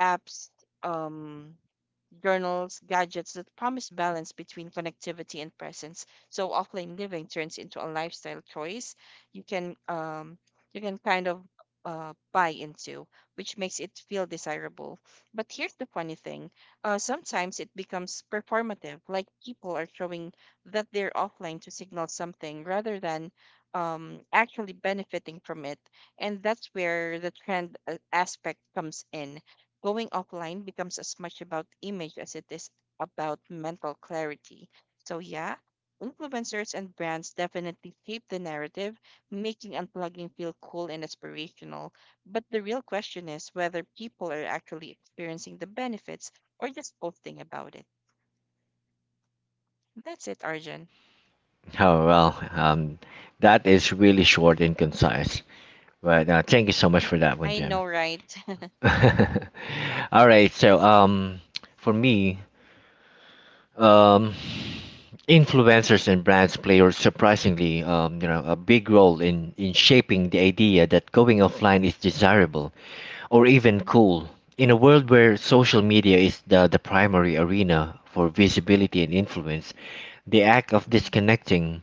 Speaker 2: apps, um, journals, gadgets that promise balance between connectivity and presence. So offline living turns into a lifestyle choice you can, you can kind of buy into, which makes it feel desirable. But here's the funny thing: sometimes it becomes performative, like people are showing that they're offline to signal something rather than, actually benefiting from it. And that's where the trend, aspect comes in. Going offline becomes as much about image as it is about mental clarity. So, yeah, influencers and brands definitely shape the narrative, making unplugging feel cool and aspirational. But the real question is whether people are actually experiencing the benefits or just posting about it. That's it, Arjun.
Speaker 1: Oh, well, that is really short and concise. But thank you so much for that one,
Speaker 2: I
Speaker 1: Jam.
Speaker 2: know, right?
Speaker 1: All right, so for me, um, influencers and brands play a surprisingly, a big role in shaping the idea that going offline is desirable or even
Speaker 2: Mhm,
Speaker 1: cool. In a world where social media is the primary arena for visibility and influence, the act of
Speaker 2: mhm.
Speaker 1: disconnecting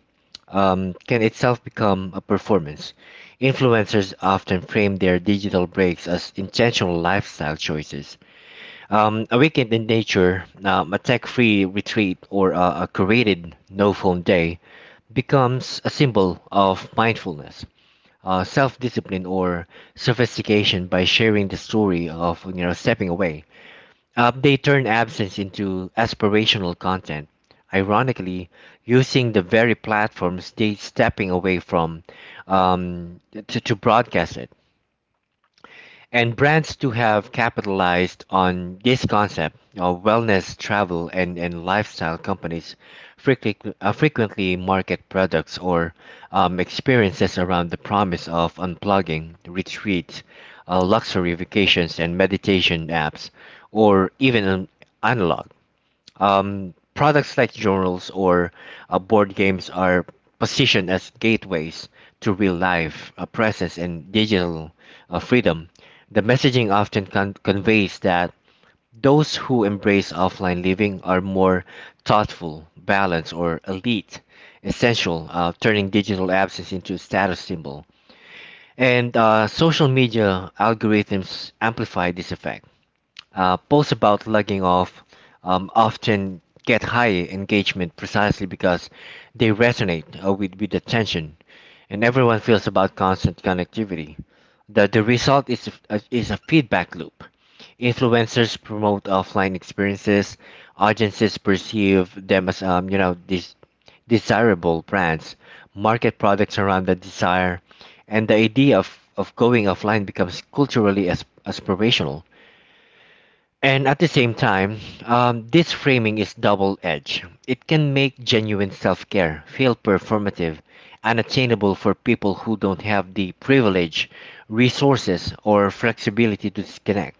Speaker 1: can itself become a performance. Influencers often frame their digital breaks as intentional lifestyle choices, a weekend in nature, a tech free retreat, or a curated no phone day becomes a symbol of mindfulness, self discipline, or sophistication by sharing the story of stepping away. They turn absence into aspirational content, ironically, using the very platforms they stepping away from to broadcast it. And brands to have capitalized on this concept. Wellness, travel, and lifestyle companies frequently, frequently market products or experiences around the promise of unplugging, retreats, luxury vacations, and meditation apps, or even an analog. Products like journals or board games are positioned as gateways to real life presence and digital freedom. The messaging often conveys that those who embrace offline living are more thoughtful, balanced, or elite, essential, turning digital absence into a status symbol. And social media algorithms amplify this effect. Posts about logging off often get high engagement precisely because they resonate with attention, and everyone feels about constant connectivity. The result is a feedback loop. Influencers promote offline experiences. Audiences perceive them as these desirable brands. Market products around the desire, and the idea of going offline becomes culturally aspirational. And at the same time, this framing is double edged. It can make genuine self care feel performative, unattainable for people who don't have the privilege, resources, or flexibility to disconnect.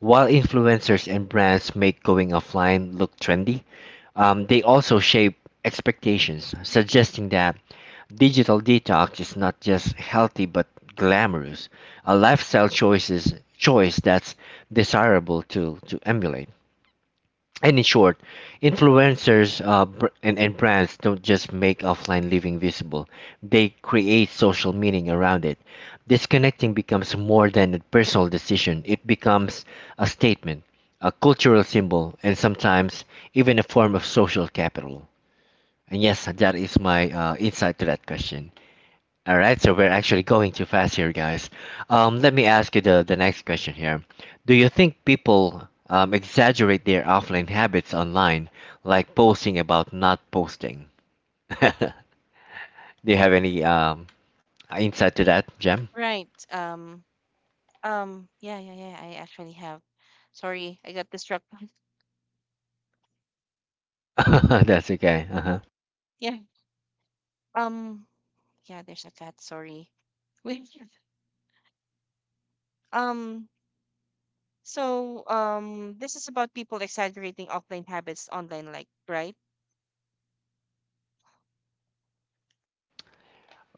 Speaker 1: While influencers and brands make going offline look trendy, they also shape expectations, suggesting that digital detox is not just healthy but glamorous, a lifestyle choice that's desirable to emulate. And in short, influencers and brands don't just make offline living visible, they create social meaning around it. Disconnecting becomes more than a personal decision, it becomes a statement, a cultural symbol, and sometimes even a form of social capital. And yes, that is my insight to that question. All right, so we're actually going too fast here, guys. Let me ask you the next question here. Do you think people exaggerate their offline habits online, like posting about not posting? Do you have any insight to that, Jem?
Speaker 2: Right. Yeah. I actually have. Sorry, I got distracted.
Speaker 1: That's okay. Uh-huh.
Speaker 2: Yeah. Um, yeah, there's a cat, sorry. Wait. Um, so, this is about people exaggerating offline habits online, like, right?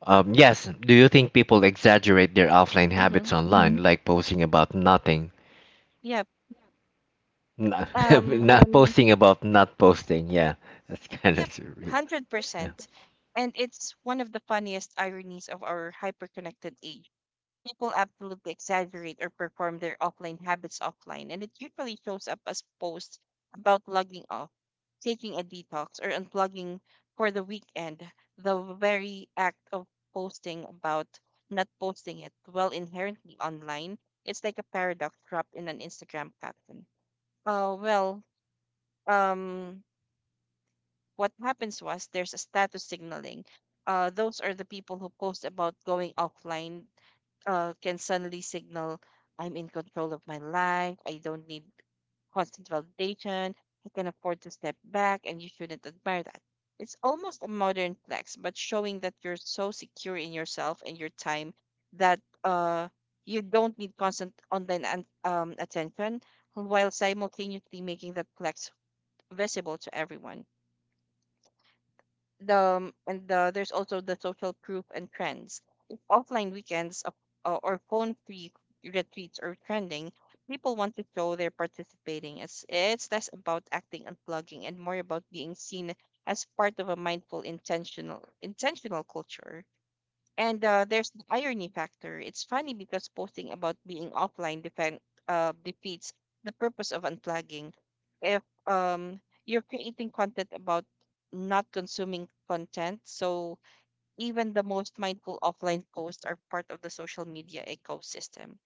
Speaker 1: Yes, do you think people exaggerate their offline
Speaker 2: Mm-hmm.
Speaker 1: habits online, mhm, like posting about nothing?
Speaker 2: Yep.
Speaker 1: Not,
Speaker 2: Um,
Speaker 1: not, posting about not posting, yeah. That's kind of
Speaker 2: yep,
Speaker 1: surreal.
Speaker 2: 100%. And it's one of the funniest ironies of our hyper-connected age. People absolutely exaggerate or perform their offline habits offline, and it usually shows up as posts about logging off, taking a detox, or unplugging for the weekend. The very act of posting about not posting it, well, inherently online, it's like a paradox trapped in an Instagram caption. Well, um, what happens was there's a status signaling. Those are the people who post about going offline, can suddenly signal I'm in control of my life. I don't need constant validation. I can afford to step back, and you shouldn't admire that. It's almost a modern flex, but showing that you're so secure in yourself and your time that, you don't need constant online attention while simultaneously making that flex visible to everyone. There's also the social proof and trends. If offline weekends of- or phone-free retreats are trending, people want to show they're participating. It's less about acting and plugging and more about being seen as part of a mindful, intentional culture. And there's the irony factor. It's funny because posting about being offline defend, defeats the purpose of unplugging. If You're creating content about not consuming content, so even the most mindful offline posts are part of the social media ecosystem.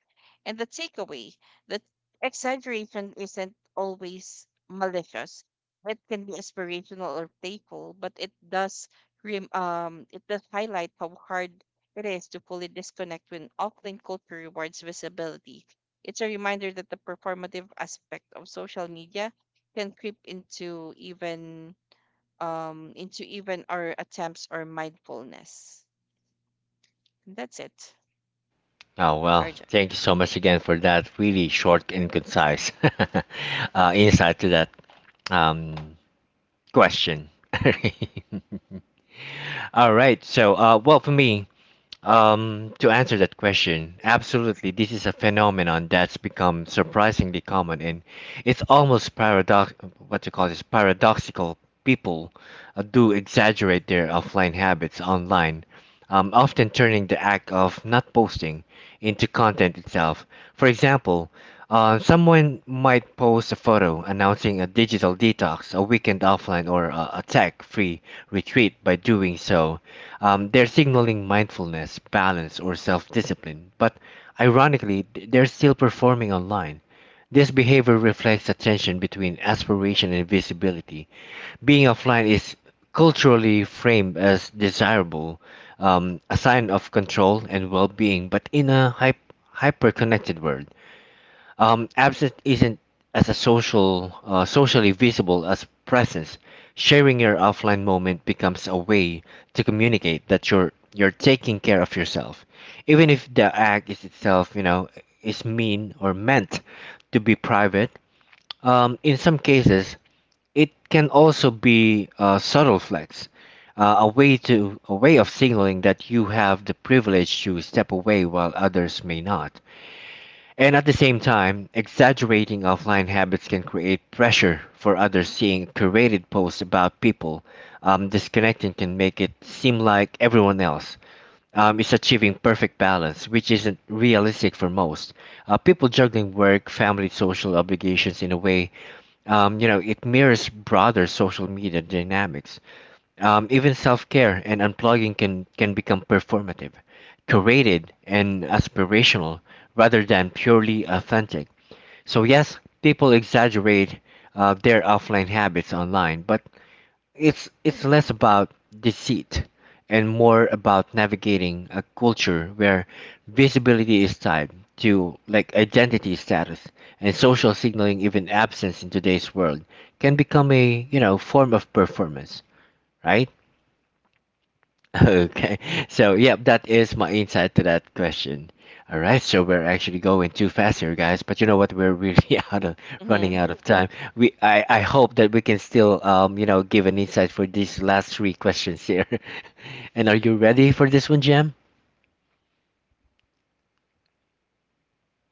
Speaker 2: And the takeaway, that exaggeration isn't always malicious. It can be aspirational or playful, but it does highlight how hard it is to fully disconnect when offline culture rewards visibility. It's a reminder that the performative aspect of social media can creep into even our attempts or mindfulness. And that's it,
Speaker 1: Oh, well,
Speaker 2: Arjun.
Speaker 1: thank you so much again for that really short and concise insight to that um, question. All right. So, well, for me, to answer that question, absolutely, this is a phenomenon that's become surprisingly common, and it's almost paradox. What you call this paradoxical? People do exaggerate their offline habits online, often turning the act of not posting into content itself. For example, someone might post a photo announcing a digital detox, a weekend offline, or a tech free retreat. By doing so, they're signaling mindfulness, balance, or self discipline. But ironically, they're still performing online. This behavior reflects a tension between aspiration and visibility. Being offline is culturally framed as desirable, a sign of control and well-being, but in a hyper-connected world, absence isn't as a social, socially visible as presence. Sharing your offline moment becomes a way to communicate that you're taking care of yourself, even if the act is itself, you know, is mean or meant to be private. In some cases, it can also be a subtle flex, a way to a way of signaling that you have the privilege to step away while others may not. And at the same time, exaggerating offline habits can create pressure for others seeing curated posts about people. Disconnecting can make it seem like everyone else is achieving perfect balance, which isn't realistic for most. People juggling work, family, social obligations in a way, it mirrors broader social media dynamics. Even self-care and unplugging can become performative, curated, and aspirational rather than purely authentic. So yes, people exaggerate their offline habits online, but it's less about deceit and more about navigating a culture where visibility is tied to like identity status and social signaling. Even absence in today's world can become a form of performance, right? Okay. So, yep, that is my insight to that question. All right. So we're actually going too fast here, guys. But you know what? We're really out of running out of time. We I hope that we can still you know give an insight for these last three questions here. And are you ready for this one, Jam?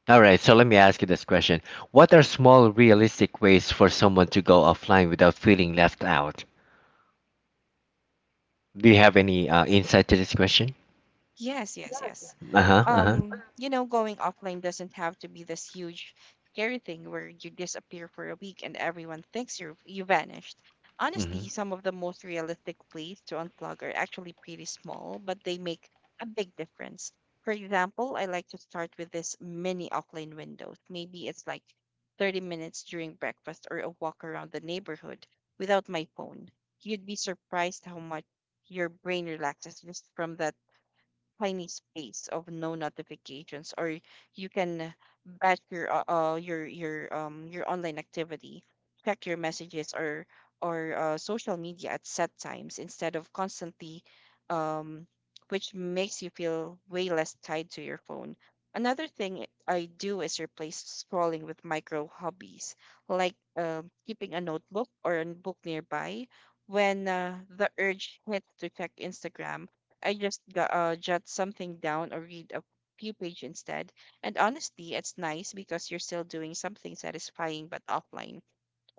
Speaker 1: All right. So let me ask you this question. What are small realistic ways for someone to go offline without feeling left out? Do you have any insight to this question?
Speaker 2: Yes, yes, yes.
Speaker 1: Uh-huh. Uh-huh.
Speaker 2: Going offline doesn't have to be this huge, scary thing where you disappear for a week and everyone thinks you vanished.
Speaker 1: Mm-hmm.
Speaker 2: Honestly, some of the most realistic ways to unplug are actually pretty small, but they make a big difference. For example, I like to start with this mini offline windows. Maybe it's like 30 minutes during breakfast or a walk around the neighborhood without my phone. You'd be surprised how much your brain relaxes just from that tiny space of no notifications. Or you can batch your online activity, check your messages or social media at set times instead of constantly um which makes you feel way less tied to your phone. Another thing I do is replace scrolling with micro hobbies, like keeping a notebook or a book nearby. When the urge hits to check Instagram, I just jot something down or read a few page instead. And honestly, it's nice because you're still doing something satisfying but offline.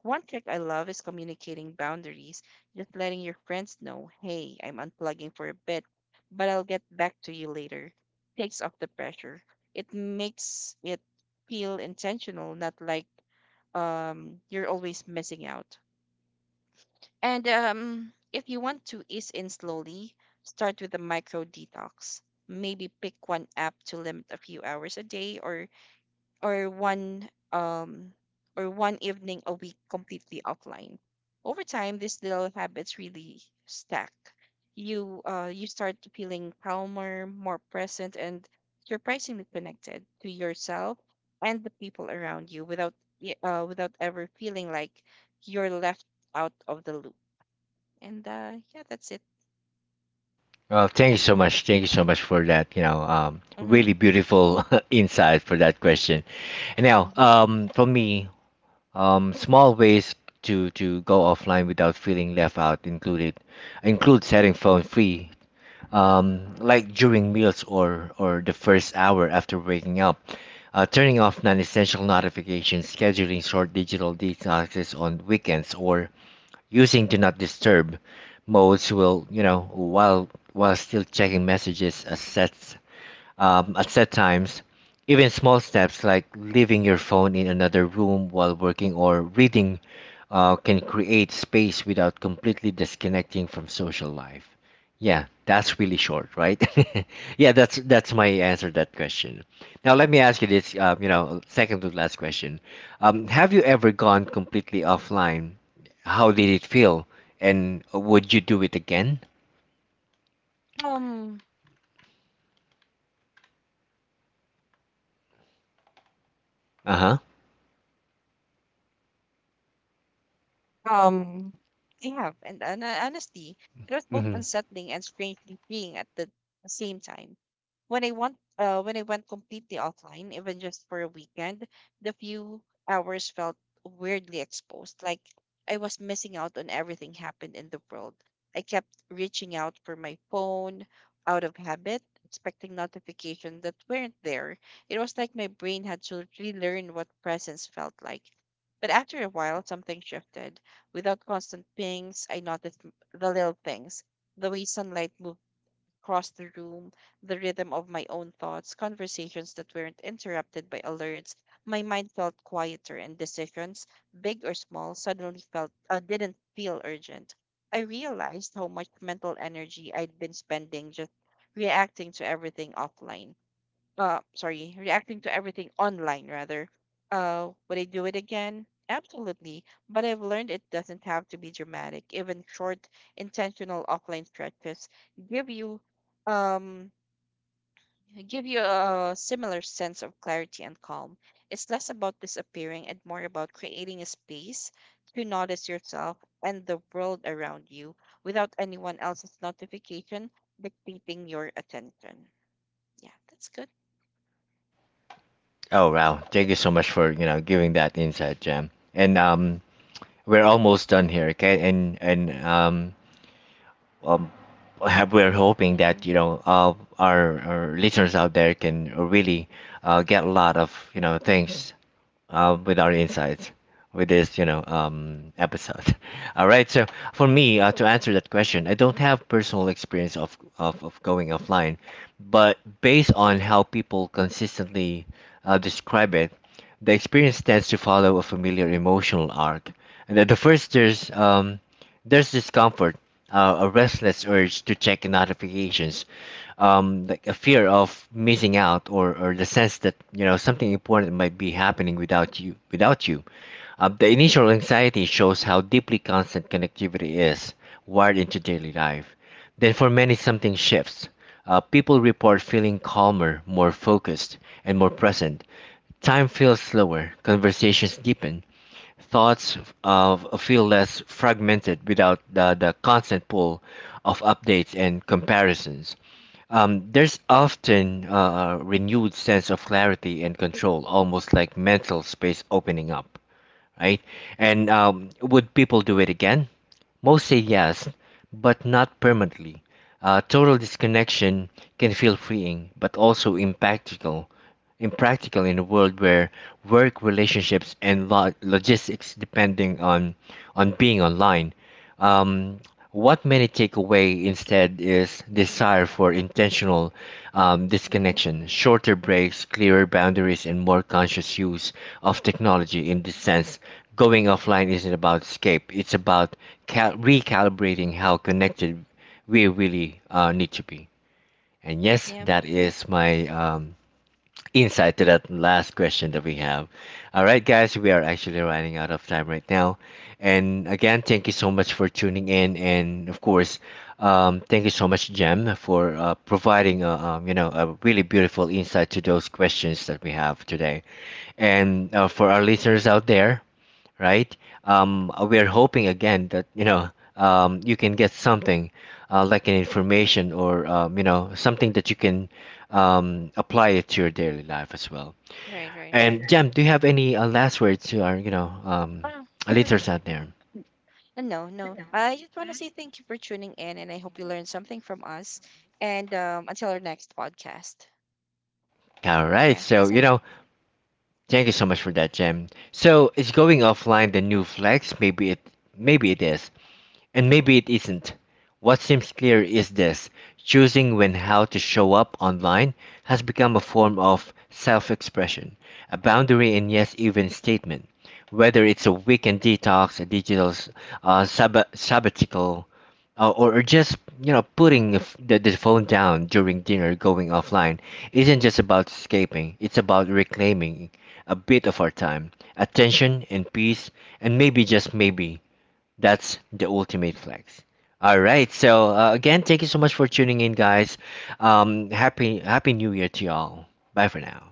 Speaker 2: One trick I love is communicating boundaries, just letting your friends know, hey, I'm unplugging for a bit, but I'll get back to you later. Takes off the pressure. It makes it feel intentional, not like you're always missing out. And if you want to ease in slowly, start with a micro detox. Maybe pick one app to limit a few hours a day, or or one um or one evening a week completely offline. Over time, these little habits really stack. You start feeling calmer, more present, and surprisingly connected to yourself and the people around you without without ever feeling like you're left out of the loop. And yeah, that's it.
Speaker 1: Well, thank you so much. Thank you so much for that. You know,
Speaker 2: Mm-hmm.
Speaker 1: really beautiful insight for that question. And now,
Speaker 2: Mm-hmm.
Speaker 1: for me, small ways to go offline without feeling left out include setting phone free, like during meals or the first hour after waking up. Turning off non-essential notifications, scheduling short digital detoxes on weekends, or using do not disturb modes will, you know, while still checking messages at sets at set times. Even small steps like leaving your phone in another room while working or reading can create space without completely disconnecting from social life? Yeah, that's really short, right? Yeah, that's my answer to that question. Now let me ask you this, second to last question. Have you ever gone completely offline? How did it feel? And would you do it again?
Speaker 2: Um,
Speaker 1: Uh-huh.
Speaker 2: Um, I have, and, honestly, it was both
Speaker 1: Hmm.
Speaker 2: unsettling and strangely freeing at the same time. When when I went completely offline, even just for a weekend, the few hours felt weirdly exposed, like I was missing out on everything happened in the world. I kept reaching out for my phone out of habit, expecting notifications that weren't there. It was like my brain had to relearn what presence felt like. But after a while, something shifted. Without constant pings, I noticed the little things, the way sunlight moved across the room, the rhythm of my own thoughts, conversations that weren't interrupted by alerts. My mind felt quieter, and decisions, big or small, suddenly felt didn't feel urgent. I realized how much mental energy I'd been spending just reacting to everything offline sorry reacting to everything online rather. Would I do it again? Absolutely. But I've learned it doesn't have to be dramatic. Even short intentional offline stretches give you um give you a similar sense of clarity and calm. It's less about disappearing and more about creating a space to notice yourself and the world around you without anyone else's notification dictating your attention. Yeah, that's good.
Speaker 1: Oh wow! Thank you so much for giving that insight, Jam. And
Speaker 2: Hmm.
Speaker 1: we're almost done here, okay? And um, have we're hoping that our listeners out there can really get a lot of things with our insights with this, you know, episode. All right. So for me, to answer that question, I don't have personal experience of going offline, but based on how people consistently describe it, the experience tends to follow a familiar emotional arc. And at the first, there's discomfort, a restless urge to check notifications, like a fear of missing out or the sense that you know something important might be happening without you. The initial anxiety shows how deeply constant connectivity is wired into daily life. Then for many something shifts. People report feeling calmer, more focused, and more present. Time feels slower, conversations deepen, thoughts of feel less fragmented without the, the constant pull of updates and comparisons. There's often a renewed sense of clarity and control, almost like mental space opening up, right? And would people do it again? Most say yes, but not permanently. Total disconnection can feel freeing, but also impractical, impractical in a world where work relationships and logistics depending on being online. Um, what many take away instead is desire for intentional
Speaker 2: Hmm.
Speaker 1: disconnection, shorter breaks, clearer boundaries, and more conscious use of technology. In this sense, going offline isn't about escape; it's about recalibrating how connected we really need to be. And yes,
Speaker 2: Yeah.
Speaker 1: that is my insight to that last question that we have. All right, guys, we are actually running out of time right now. And again, thank you so much for tuning in. And of course, thank you so much, Jem, for providing a, a really beautiful insight to those questions that we have today. And for our listeners out there, right? We are hoping again that you can get something like an information or something that you can apply it to your daily life as well.
Speaker 2: Right, right.
Speaker 1: And Jam, do you have any last words to our
Speaker 2: Ah,
Speaker 1: listeners out
Speaker 2: n-
Speaker 1: there?
Speaker 2: no, no. I just want to say thank you for tuning in, and I hope you learned something from us. And until our next podcast.
Speaker 1: All right,
Speaker 2: Yeah,
Speaker 1: so
Speaker 2: that's
Speaker 1: you
Speaker 2: it.
Speaker 1: know, thank you so much for that, Jam. So it's going offline the new flex. Maybe it is. And maybe it isn't. What seems clear is this: choosing when how to show up online has become a form of self expression, a boundary, and yes, even statement. Whether it's a weekend detox, a digital sabbatical, or just you know putting the the phone down during dinner, going offline, isn't just about escaping. It's about reclaiming a bit of our time, attention, and peace, and maybe just maybe that's the ultimate flex. All right. So again, thank you so much for tuning in, guys. Happy New Year to y'all. Bye for now.